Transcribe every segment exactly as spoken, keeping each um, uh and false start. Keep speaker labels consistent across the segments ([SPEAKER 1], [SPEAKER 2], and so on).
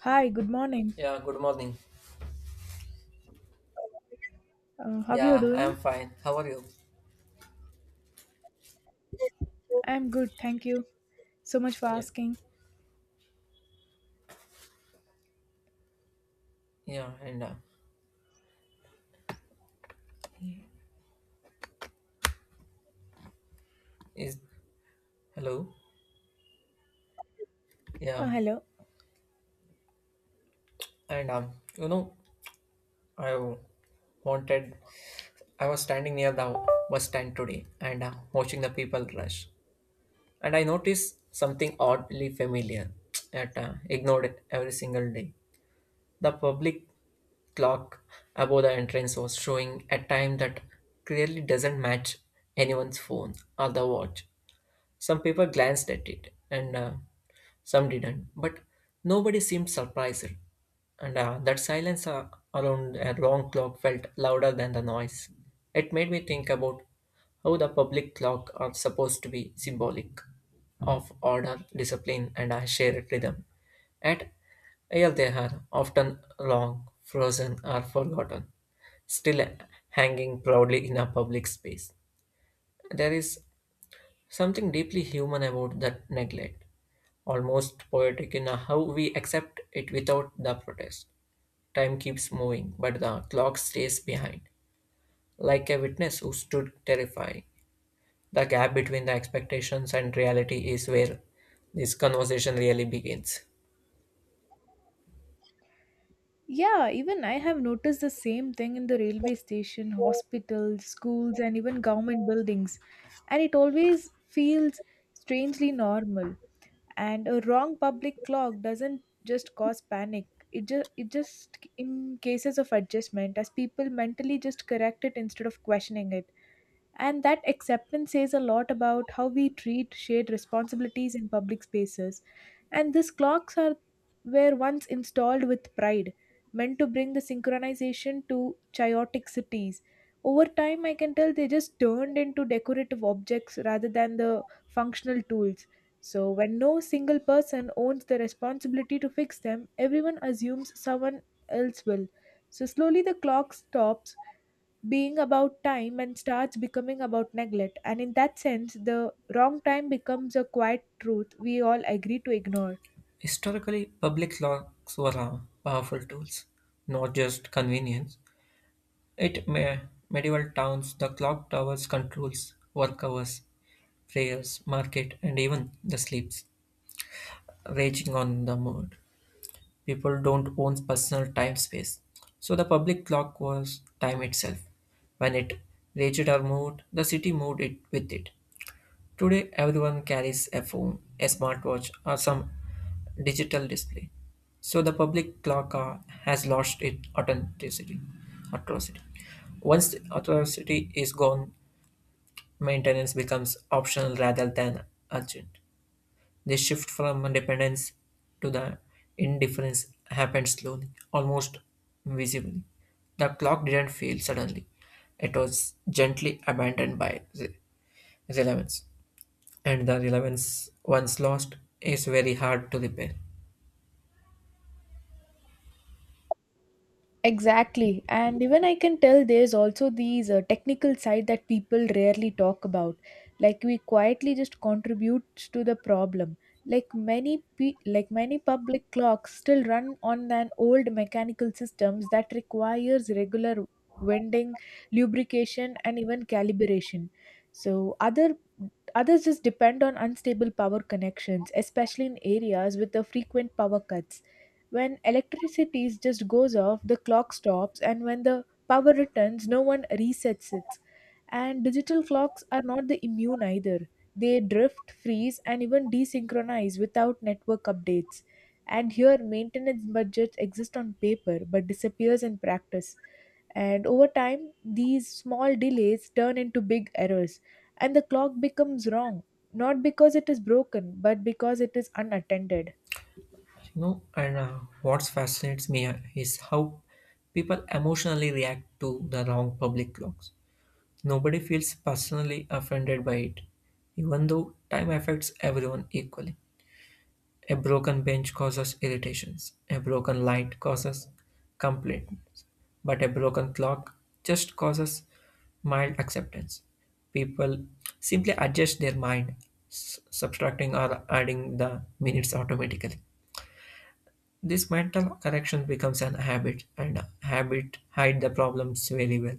[SPEAKER 1] Hi, good morning.
[SPEAKER 2] Yeah, good morning.
[SPEAKER 1] Uh, how you
[SPEAKER 2] Yeah, I
[SPEAKER 1] doing?
[SPEAKER 2] am fine. How are you?
[SPEAKER 1] I'm good, thank you so much for
[SPEAKER 2] Yeah,
[SPEAKER 1] asking.
[SPEAKER 2] yeah, and uh, is hello.
[SPEAKER 1] Uh,
[SPEAKER 2] Yeah,
[SPEAKER 1] hello.
[SPEAKER 2] and um, you know, I wanted. I was standing near the bus stand today and uh, watching the people rush, and I noticed something oddly familiar that uh, ignored every single day. The public clock above the entrance was showing a time that clearly doesn't match anyone's phone or the watch. Some people glanced at it, and uh, some didn't, but nobody seemed surprised. And uh, that silence uh, around a wrong clock felt louder than the noise. It made me think about how the public clock are supposed to be symbolic of order, discipline, and a shared rhythm. Yet, here they are, often long, frozen, or forgotten, still hanging proudly in a public space. There is something deeply human about that neglect, almost poetic in how we accept it without the protest. Time keeps moving, but the clock stays behind, like a witness who stood terrifying. The gap between the expectations and reality is where this conversation really begins.
[SPEAKER 1] Yeah, even I have noticed the same thing in the railway station, hospitals, schools, and even government buildings. And it always feels strangely normal. And a wrong public clock doesn't just cause panic. It just it just in cases of adjustment, as people mentally just correct it instead of questioning it. And that acceptance says a lot about how we treat shared responsibilities in public spaces. And these clocks are were once installed with pride, meant to bring the synchronization to chaotic cities. Over time, I can tell they just turned into decorative objects rather than the functional tools. So, when no single person owns the responsibility to fix them, everyone assumes someone else will. So, slowly the clock stops being about time and starts becoming about neglect. And in that sense, the wrong time becomes a quiet truth we all agree to ignore.
[SPEAKER 2] Historically, public clocks were uh, powerful tools, not just convenience. It me- Medieval towns, the clock towers controls work hours, prayers, market, and even the sleeps raging on the mood. People don't own personal time space. So the public clock was time itself. When it raged or moved, the city moved it with it. Today everyone carries a phone, a smartwatch, or some digital display. So the public clock uh, has lost its authenticity. Atrocity. Once the authenticity is gone, maintenance becomes optional rather than urgent. This shift from dependence to the indifference happened slowly, almost visibly. The clock didn't fail suddenly. It was gently abandoned by re- relevance. And the relevance, once lost, is very hard to repair.
[SPEAKER 1] Exactly. And even I can tell there's also these uh, technical side that people rarely talk about. Like we quietly just contribute to the problem. Like many pe- like many public clocks still run on an old mechanical systems that requires regular winding, lubrication and even calibration. So other others just depend on unstable power connections, especially in areas with the frequent power cuts when electricity just goes off, the clock stops, and when the power returns, no one resets it. And digital clocks are not the immune either. They drift, freeze, and even desynchronize without network updates. And here, maintenance budgets exist on paper but disappears in practice. And over time, these small delays turn into big errors, and the clock becomes wrong, not because it is broken, but because it is unattended.
[SPEAKER 2] You know, and uh, what fascinates me uh, is how people emotionally react to the wrong public clocks. Nobody feels personally offended by it, even though time affects everyone equally. A broken bench causes irritations, a broken light causes complaints, but a broken clock just causes mild acceptance. People simply adjust their mind, s- subtracting or adding the minutes automatically. This mental correction becomes an habit, and habit hide the problems very well.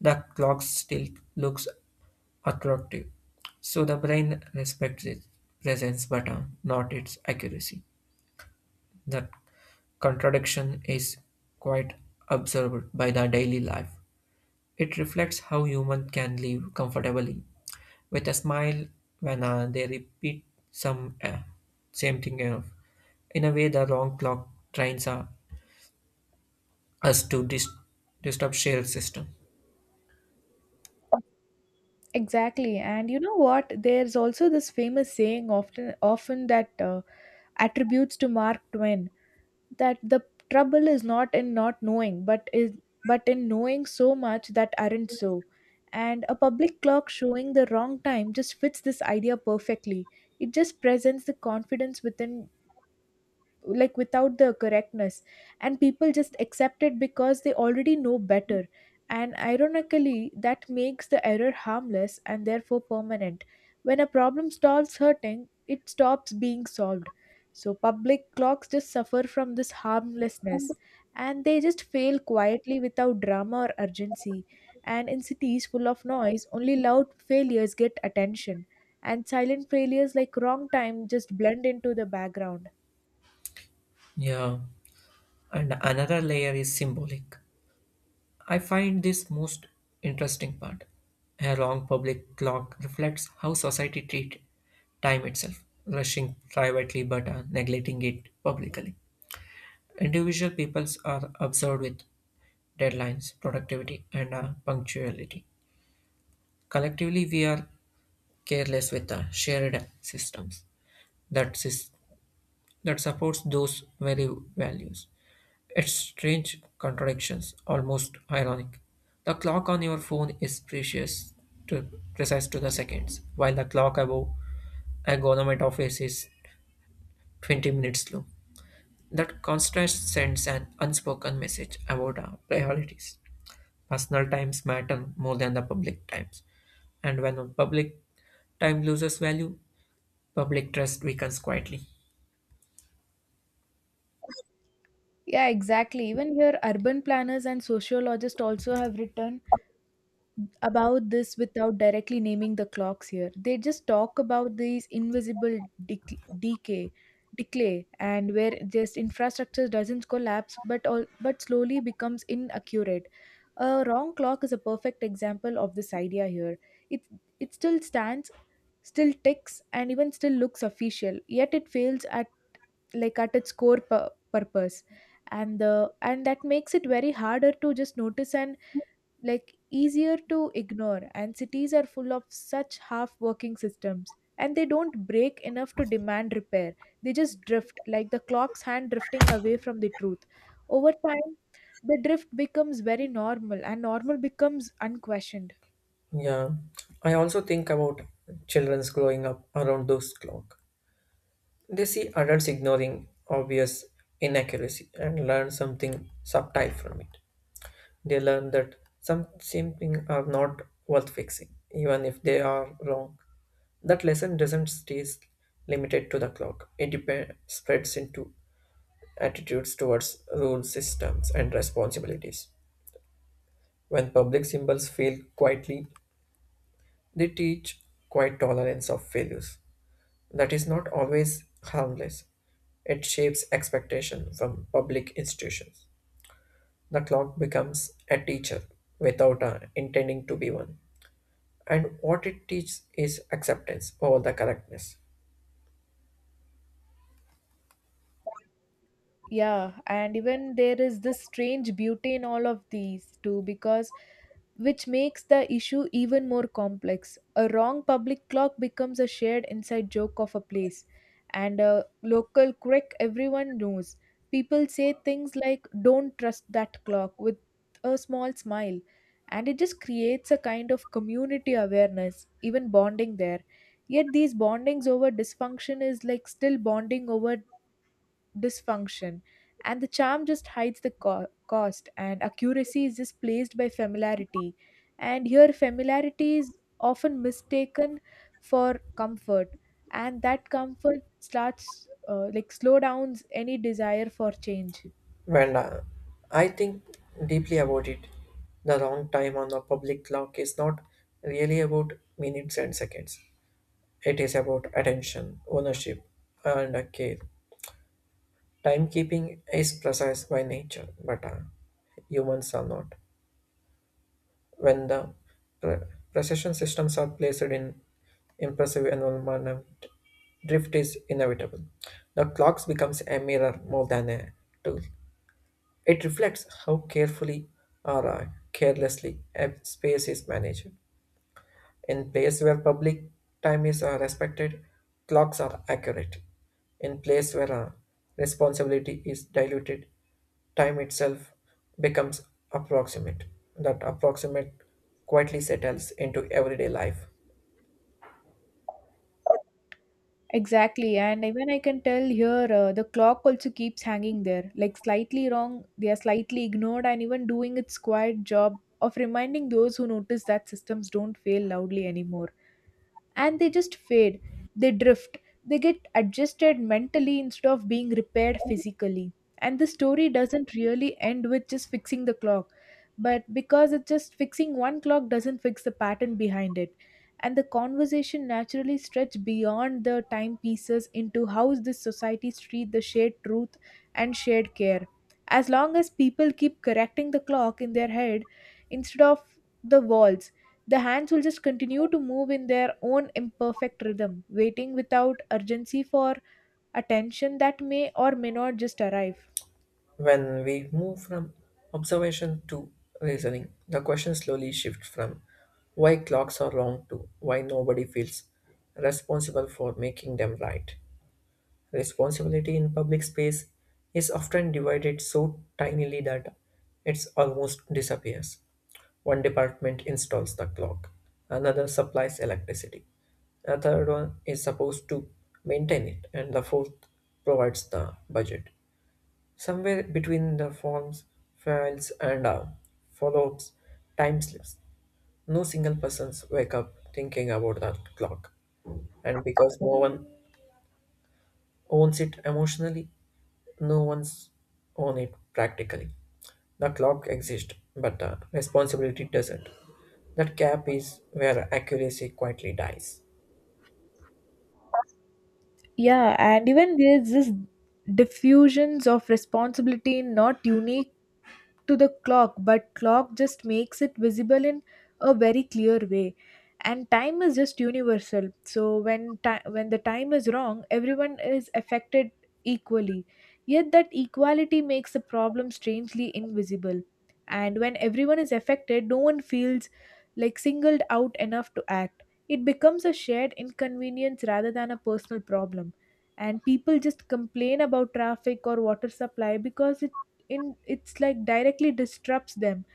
[SPEAKER 2] The clock still looks attractive, so the brain respects its presence but uh, not its accuracy. That contradiction is quite observed by the daily life. It reflects how humans can live comfortably with a smile when uh, they repeat some uh, same thing, uh, in a way, the wrong clock trains uh, us to dis- disturb shared system.
[SPEAKER 1] Exactly. And you know what? There's also this famous saying often often that uh, attributes to Mark Twain that the trouble is not in not knowing, but is but in knowing so much that aren't so. And a public clock showing the wrong time just fits this idea perfectly. It just presents the confidence within like without the correctness, and people just accept it because they already know better, and ironically that makes the error harmless and therefore permanent. When a problem stops hurting, it stops being solved. So public clocks just suffer from this harmlessness, and they just fail quietly without drama or urgency. And in cities full of noise only loud failures get attention, and silent failures like wrong time just blend into the background.
[SPEAKER 2] Yeah, and another layer is symbolic. I find this most interesting part. A long public clock reflects how society treats time itself, rushing privately but uh, neglecting it publicly. Individual peoples are observed with deadlines, productivity, and uh, punctuality. Collectively, we are careless with uh, shared systems that, sys- that supports those very values. It's strange contradictions, almost ironic. The clock on your phone is precious to precise to the seconds, while the clock above a government office is twenty minutes slow. That contrast sends an unspoken message about our priorities. Personal times matter more than the public times, and when public time loses value, public trust weakens quietly.
[SPEAKER 1] Yeah, exactly. Even here, urban planners and sociologists also have written about this without directly naming the clocks here. They just talk about these invisible dec- decay, decay, and where just infrastructure doesn't collapse, but all but slowly becomes inaccurate. A wrong clock is a perfect example of this idea here. It it still stands, still ticks, and even still looks official. Yet it fails at like at its core pu- purpose and the and that makes it very harder to just notice, and like easier to ignore. And cities are full of such half working systems, and they don't break enough to demand repair. They just drift like the clock's hand drifting away from the truth. Over time the drift becomes very normal, and normal becomes unquestioned.
[SPEAKER 2] Yeah, I also think about children's growing up around those clocks. They see adults ignoring obvious inaccuracy and learn something subtle from it. They learn that some something are not worth fixing, even if they are wrong. That lesson doesn't stay limited to the clock. It depends, spreads into attitudes towards rule systems and responsibilities. When public symbols fail quietly, they teach quiet tolerance of failures. That is not always harmless. It shapes expectation from public institutions. The clock becomes a teacher without uh, intending to be one. And what it teaches is acceptance over the correctness.
[SPEAKER 1] Yeah, and even there is this strange beauty in all of these too, because which makes the issue even more complex. A wrong public clock becomes a shared inside joke of a place, and a local quirk everyone knows. People say things like don't trust that clock with a small smile, and it just creates a kind of community awareness, even bonding there. Yet these bondings over dysfunction is like still bonding over dysfunction, and the charm just hides the co- cost, and accuracy is just placed by familiarity, and here familiarity is often mistaken for comfort, and that comfort starts uh, like slow downs any desire for change.
[SPEAKER 2] Well, uh, I think deeply about it. The wrong time on the public clock is not really about minutes and seconds. It is about attention, ownership, and uh, care. Timekeeping is precise by nature, but uh, humans are not. When the pre- precession systems are placed in impressive environment, drift is inevitable. The clocks becomes a mirror more than a tool. It reflects how carefully or uh, carelessly a space is managed. In place where public time is uh, respected, clocks are accurate. In place where uh, responsibility is diluted, time itself becomes approximate. That approximate quietly settles into everyday life.
[SPEAKER 1] Exactly, and even I can tell here, uh, the clock also keeps hanging there, like slightly wrong, they are slightly ignored, and even doing its quiet job of reminding those who notice that systems don't fail loudly anymore. And they just fade, they drift, they get adjusted mentally instead of being repaired physically. And the story doesn't really end with just fixing the clock, but because it's just fixing one clock doesn't fix the pattern behind it. And the conversation naturally stretch beyond the timepieces into how this society treat the shared truth and shared care. As long as people keep correcting the clock in their head instead of the walls, the hands will just continue to move in their own imperfect rhythm, waiting without urgency for attention that may or may not just arrive.
[SPEAKER 2] When we move from observation to reasoning, the question slowly shifts from why clocks are wrong to why nobody feels responsible for making them right. Responsibility in public space is often divided so tinily that it almost disappears. One department installs the clock, another supplies electricity, a third one is supposed to maintain it, and the fourth provides the budget. Somewhere between the forms, files, and uh, follow ups, time slips. No single person's wake up thinking about that clock. And because no one owns it emotionally, no one's on it practically. The clock exists, but the responsibility doesn't. That gap is where accuracy quietly dies.
[SPEAKER 1] Yeah, and even there's this diffusions of responsibility not unique to the clock, but clock just makes it visible in a very clear way. And time is just universal. So when ti- when the time is wrong, everyone is affected equally. Yet that equality makes the problem strangely invisible. And when everyone is affected, no one feels like singled out enough to act. It becomes a shared inconvenience rather than a personal problem, and people just complain about traffic or water supply because in it's like directly disrupts them.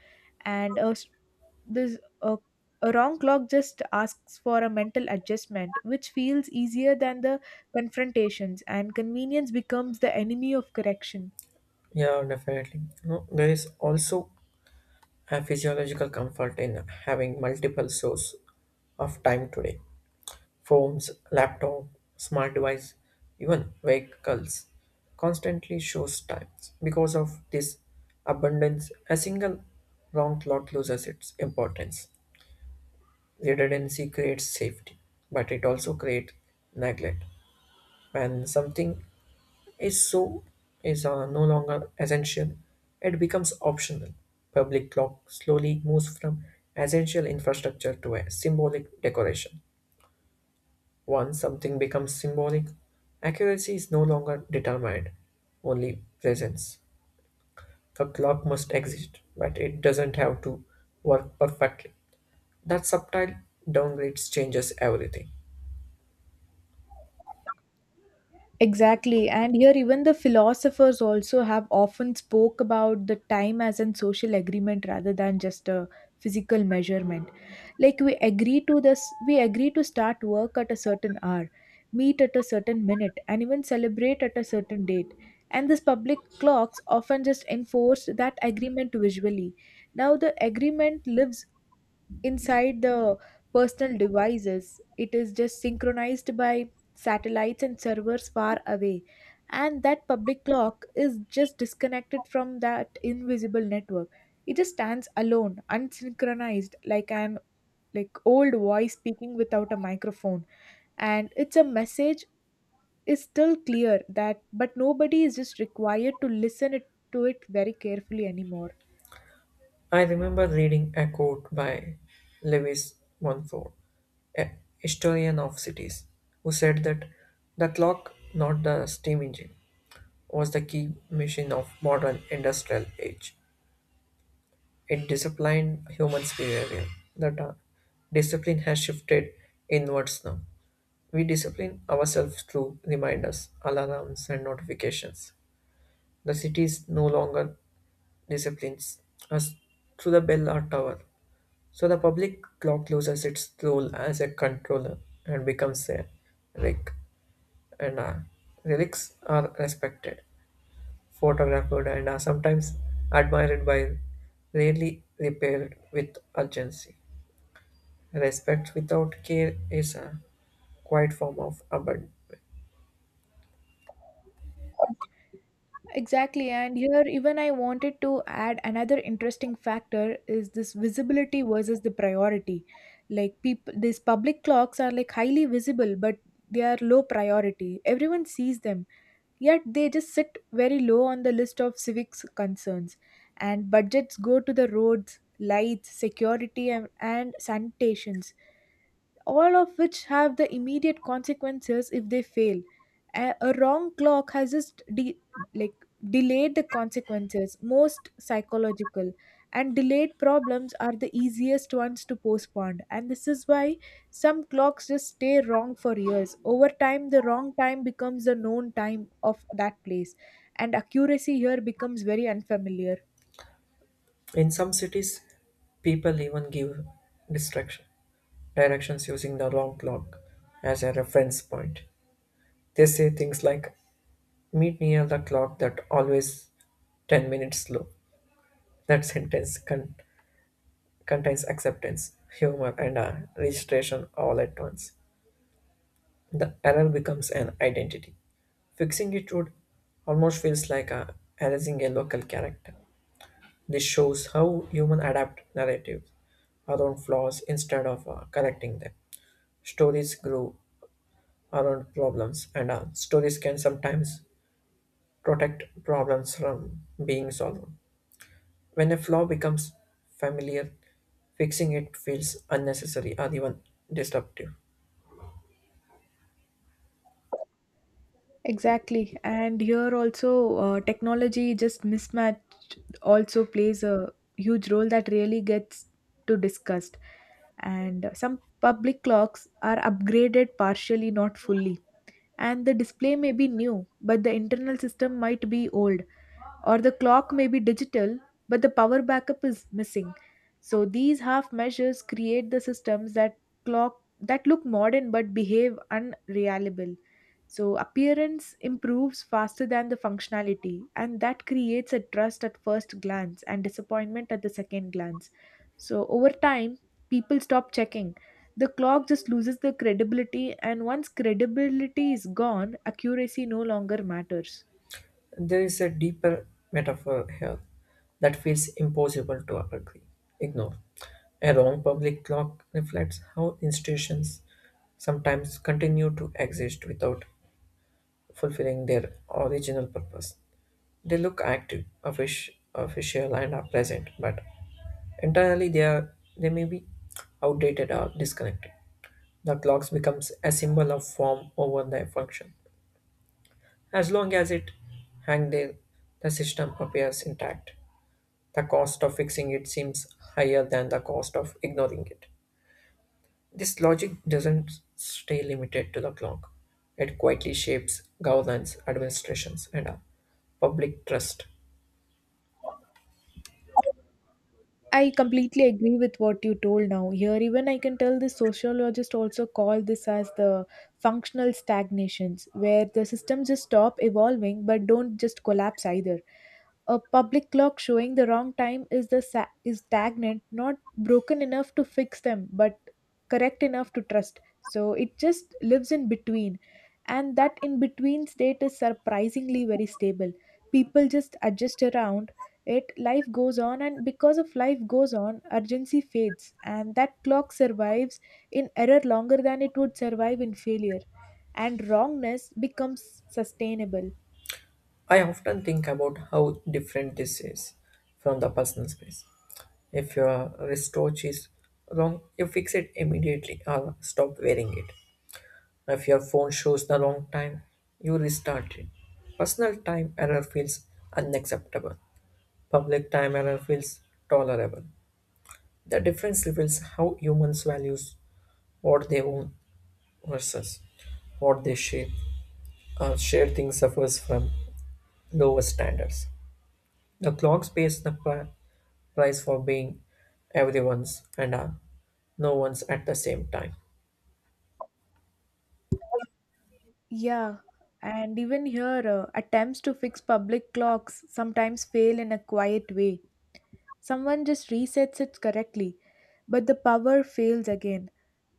[SPEAKER 1] And a, s- this a, a wrong clock just asks for a mental adjustment which feels easier than the confrontations, and convenience becomes the enemy of correction.
[SPEAKER 2] Yeah, definitely. No, there is also a physiological comfort in having multiple sources of time today. Phones, laptop, smart device, even vehicles constantly shows times. Because of this abundance, a single wrong clock loses its importance. Redundancy creates safety, but it also creates neglect. When something is so is uh, no longer essential, it becomes optional. Public clock slowly moves from essential infrastructure to a symbolic decoration. Once something becomes symbolic, accuracy is no longer determined, only presence. A clock must exist, but it doesn't have to work perfectly. That subtle downgrade changes everything.
[SPEAKER 1] Exactly. And here, even the philosophers also have often spoke about the time as an social agreement rather than just a physical measurement. Like we agree to this, we agree to start work at a certain hour, meet at a certain minute, and even celebrate at a certain date. And these public clocks often just enforce that agreement visually. Now, the agreement lives inside the personal devices. It is just synchronized by satellites and servers far away. And that public clock is just disconnected from that invisible network. It just stands alone, unsynchronized, like an like old voice speaking without a microphone. And it's a message is still clear that but nobody is just required to listen it to it very carefully anymore.
[SPEAKER 2] I remember reading a quote by Lewis Montfort, a historian of cities, who said that the clock, not the steam engine, was the key machine of modern industrial age. It disciplined humans' behavior. That uh, discipline has shifted inwards now. We discipline ourselves through reminders, alarms, and notifications. The cities no longer disciplines us through the bell or tower. So the public clock loses its role as a controller and becomes a relic. And uh, relics are respected, photographed, and are sometimes admired by rarely repaired with urgency. Respect without care is a quiet form of abandon.
[SPEAKER 1] Exactly, and here even I wanted to add another interesting factor is this visibility versus the priority. Like people, these public clocks are like highly visible, but they are low priority. Everyone sees them, yet they just sit very low on the list of civics concerns. And budgets go to the roads, lights, security, and, and sanitations, all of which have the immediate consequences if they fail. A, a wrong clock has just de- like delayed the consequences, most psychological, and delayed problems are the easiest ones to postpone. And this is why some clocks just stay wrong for years. Over time, the wrong time becomes the known time of that place, and accuracy here becomes very unfamiliar.
[SPEAKER 2] In some cities, people even give distraction directions using the wrong clock as a reference point. They say things like "Meet near the clock that always ten minutes slow." That sentence con- contains acceptance, humor, and a registration all at once. The error becomes an identity. Fixing it would almost feels like a, erasing a local character. This shows how human adapt narratives around flaws instead of uh, correcting them. Stories grow around problems, and uh, stories can sometimes protect problems from being solved. When a flaw becomes familiar, fixing it feels unnecessary or even disruptive.
[SPEAKER 1] Exactly. And here also, uh, technology just mismatch also plays a huge role that really gets to discussed. And some public clocks are upgraded partially, not fully, and the display may be new, but the internal system might be old, or the clock may be digital, but the power backup is missing. So these half measures create the systems that clock that look modern but behave unreliable. So appearance improves faster than the functionality, and that creates a trust at first glance and disappointment at the second glance. So over time, people stop checking. The clock just loses the credibility, and once credibility is gone accuracy no longer matters.
[SPEAKER 2] There is a deeper metaphor here that feels impossible to agree, ignore. A wrong public clock reflects how institutions sometimes continue to exist without fulfilling their original purpose. They look active, offic- official, and are present, but internally they are they may be outdated or disconnected. The clocks becomes a symbol of form over the function. As long as it hang there, the system appears intact. The cost of fixing it seems higher than the cost of ignoring it. This logic doesn't stay limited to the clock. It quietly shapes governance, administrations, and uh, public trust.
[SPEAKER 1] I completely agree with what you told now. Here, even I can tell the sociologists also call this as the functional stagnations, where the systems just stop evolving but don't just collapse either. A public clock showing the wrong time is the sa- is stagnant, not broken enough to fix them, but correct enough to trust. So it just lives in between, and that in between state is surprisingly very stable. People just adjust around it, life goes on, and because of life goes on, urgency fades, and that clock survives in error longer than it would survive in failure, and wrongness becomes sustainable.
[SPEAKER 2] I often think about how different this is from the personal space. If your wristwatch is wrong, you fix it immediately or stop wearing it. If your phone shows the wrong time, you restart it. Personal time error feels unacceptable. Public time error feels tolerable. The difference reveals how humans values what they own versus what they share. Uh, shared thing suffers from lower standards. The clocks pays the pri- price for being everyone's and are no one's at the same time.
[SPEAKER 1] Yeah, and even here, uh, attempts to fix public clocks sometimes fail in a quiet way. Someone just resets it correctly, but the power fails again.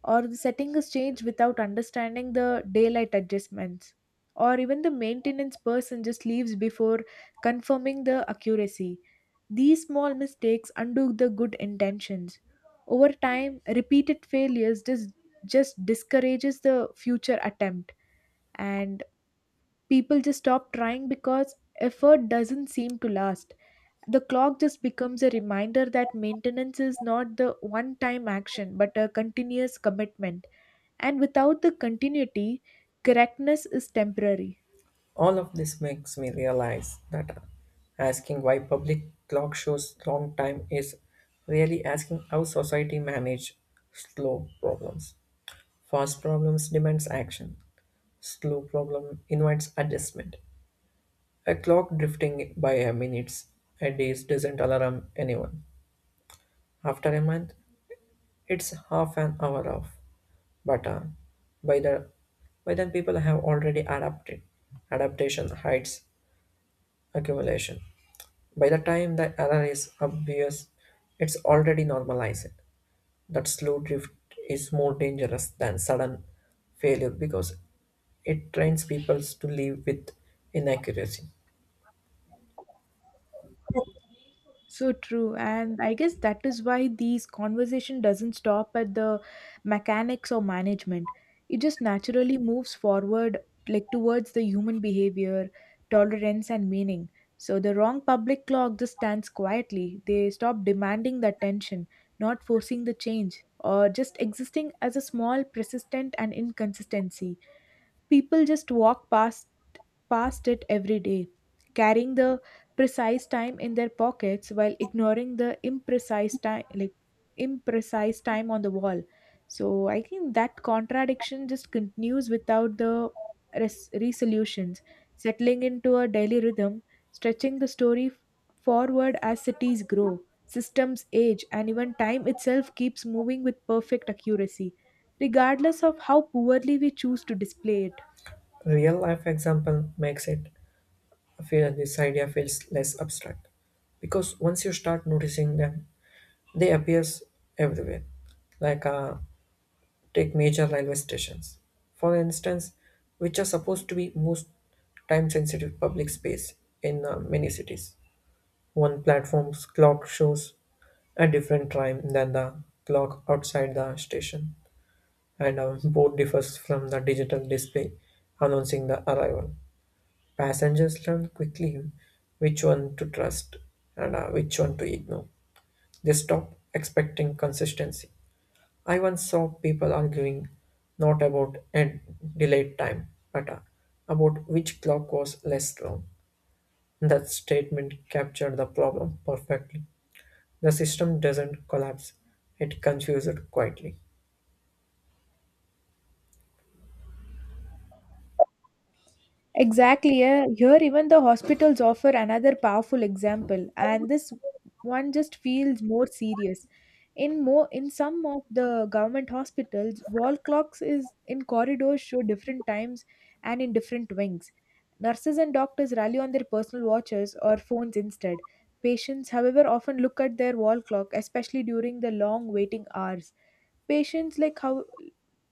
[SPEAKER 1] Or the setting is changed without understanding the daylight adjustments, or even the maintenance person just leaves before confirming the accuracy. These small mistakes undo the good intentions. Over time, repeated failures just just discourages the future attempt, and people just stop trying because effort doesn't seem to last. The clock just becomes a reminder that maintenance is not the one time action but a continuous commitment, and without the continuity, correctness is temporary.
[SPEAKER 2] All of this makes me realize that asking why public clock shows long time is really asking how society manage slow problems. Fast problems demands action. Slow problem invites adjustment. A clock drifting by a minutes a day doesn't alarm anyone. After a month, it's half an hour off. But uh, by the by then people have already adapted. Adaptation hides accumulation. By the time the error is obvious, it's already normalized. That slow drift is more dangerous than sudden failure because it trains people to live with inaccuracy.
[SPEAKER 1] So true, and I guess that is why these conversation doesn't stop at the mechanics or management. It just naturally moves forward, like towards the human behavior, tolerance and meaning. So the wrong public clock just stands quietly, they stop demanding the attention, not forcing the change or just existing as a small persistent and inconsistency. People just walk past past it every day, carrying the precise time in their pockets while ignoring the imprecise time, like imprecise time on the wall. So I think that contradiction just continues without the res- resolutions, settling into a daily rhythm, stretching the story f- forward as cities grow, systems age, and even time itself keeps moving with perfect accuracy, regardless of how poorly we choose to display it.
[SPEAKER 2] Real life example makes it feel this idea feels less abstract because once you start noticing them, they appears everywhere, like uh, take major railway stations. For instance, which are supposed to be most time sensitive public space in uh, many cities. One platform's clock shows a different time than the clock outside the station, and a board differs from the digital display announcing the arrival. Passengers learn quickly which one to trust and uh, which one to ignore. They stop expecting consistency. I once saw people arguing not about end delayed time, but uh, about which clock was less long. That statement captured the problem perfectly. The system doesn't collapse, it confuses quietly.
[SPEAKER 1] Exactly. Yeah. Here, even the hospitals offer another powerful example, and this one just feels more serious. In more, in some of the government hospitals, wall clocks is in corridors show different times and in different wings. Nurses and doctors rally on their personal watches or phones instead. Patients, however, often look at their wall clock, especially during the long waiting hours. Patients like how,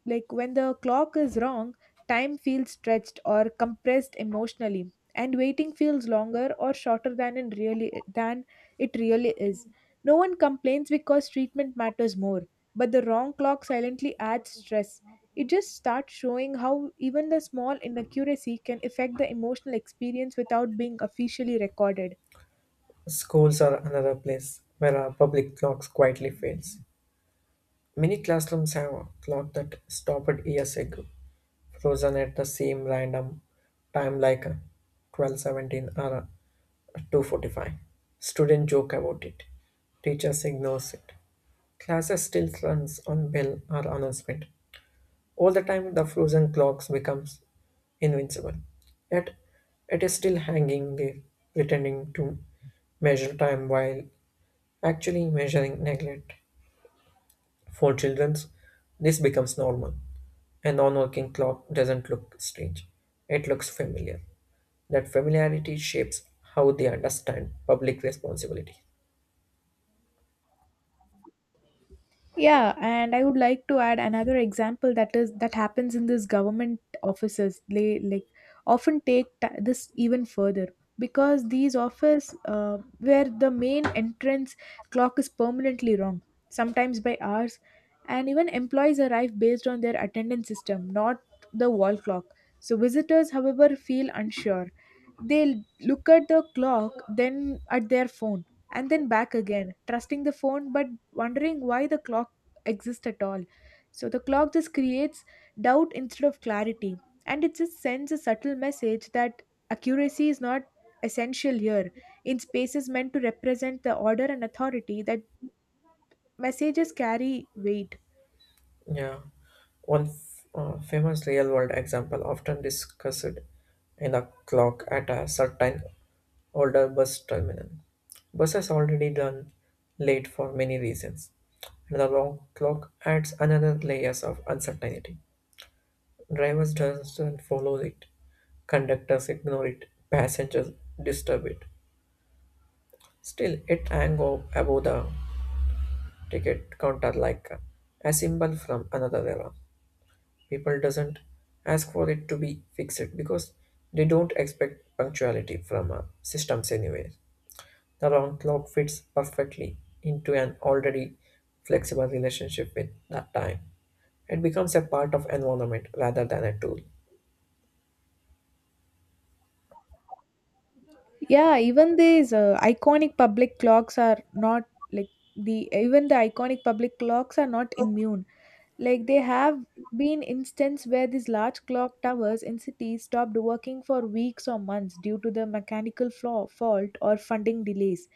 [SPEAKER 1] like when the clock is wrong, time feels stretched or compressed emotionally, and waiting feels longer or shorter than in really than it really is. No one complains because treatment matters more, but the wrong clock silently adds stress. It just starts showing how even the small inaccuracy can affect the emotional experience without being officially recorded.
[SPEAKER 2] Schools are another place where our public clocks quietly fails. Many classrooms have a clock that stopped years ago, frozen at the same random time like uh, twelve seventeen or uh, two forty-five. Students joke about it. Teachers ignores it. Classes still runs on bell or announcement. All the time the frozen clocks becomes invincible. Yet it is still hanging there, pretending to measure time while actually measuring neglect. For children, this becomes normal. A non working clock doesn't look strange, it looks familiar. That familiarity shapes how they understand public responsibility.
[SPEAKER 1] Yeah, and I would like to add another example, that is that happens in these government offices. They like often take ta this even further, because these office, uh, where the main entrance clock is permanently wrong, sometimes by hours, and even employees arrive based on their attendance system, not the wall clock. So visitors, however, feel unsure, they look at the clock, then at their phone, and then back again, trusting the phone but wondering why the clock exists at all. So the clock just creates doubt instead of clarity, and it just sends a subtle message that accuracy is not essential here. In spaces meant to represent the order and authority, that messages carry weight.
[SPEAKER 2] Yeah, one f- uh, famous real world example often discussed in a clock at a certain older bus terminal. Buses already run late for many reasons, and the wrong clock adds another layers of uncertainty. Drivers doesn't follow it, conductors ignore it, passengers disturb it. Still, it hang o- above the ticket counter like a symbol from another era. People doesn't ask for it to be fixed because they don't expect punctuality from uh, systems anyway. The round clock fits perfectly into an already flexible relationship with that time. It becomes a part of environment rather than a tool.
[SPEAKER 1] Yeah, even these uh, iconic public clocks are not like the even the iconic public clocks are not immune. Like they have been instances where these large clock towers in cities stopped working for weeks or months due to the mechanical flaw, fault or funding delays.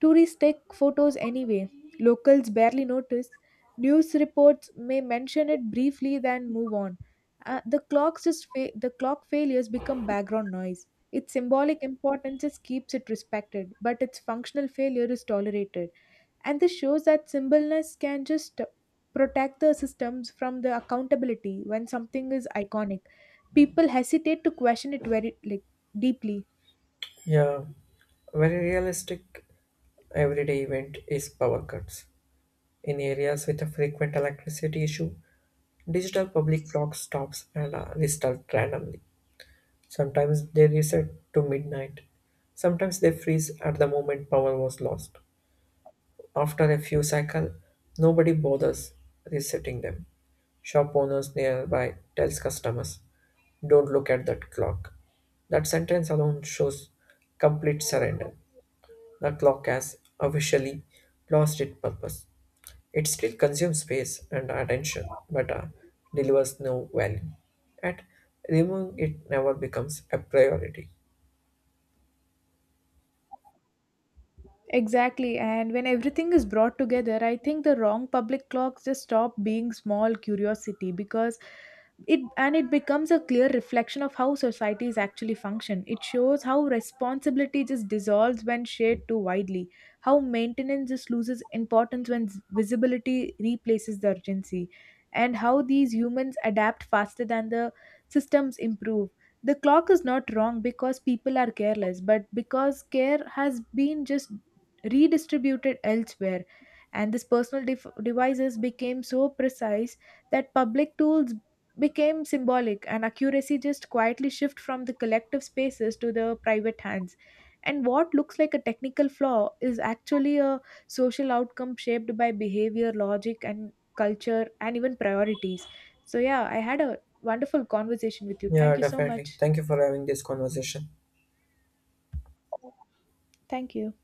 [SPEAKER 1] Tourists take photos anyway. Locals barely notice. News reports may mention it briefly, then move on. Uh, the clocks just fa- the clock failures become background noise. Its symbolic importance just keeps it respected, but its functional failure is tolerated. And this shows that symbolness can just protect the systems from the accountability. When something is iconic, people hesitate to question it very, like, deeply.
[SPEAKER 2] Yeah, very realistic everyday event is power cuts. In areas with a frequent electricity issue, digital public clock stops and are restarted randomly. Sometimes they reset to midnight. Sometimes they freeze at the moment power was lost. After a few cycles, nobody bothers resetting them. Shop owners nearby tells customers, "Don't look at that clock." That sentence alone shows complete surrender. The clock has officially lost its purpose. It still consumes space and attention, but uh, delivers no value. At removing it never becomes a priority.
[SPEAKER 1] Exactly, and when everything is brought together, I think the wrong public clocks just stop being small curiosity, because it and it becomes a clear reflection of how societies actually function. It shows how responsibility just dissolves when shared too widely, how maintenance just loses importance when s- visibility replaces the urgency, and how these humans adapt faster than the systems improve. The clock is not wrong because people are careless, but because care has been just redistributed elsewhere, and these personal def- devices became so precise that public tools became symbolic, and accuracy just quietly shift from the collective spaces to the private hands. And what looks like a technical flaw is actually a social outcome shaped by behavior, logic and culture and even priorities. So yeah, I had a wonderful conversation with you, thank
[SPEAKER 2] Yeah,
[SPEAKER 1] you so
[SPEAKER 2] definitely.
[SPEAKER 1] much.
[SPEAKER 2] Thank you for having this conversation.
[SPEAKER 1] Thank you.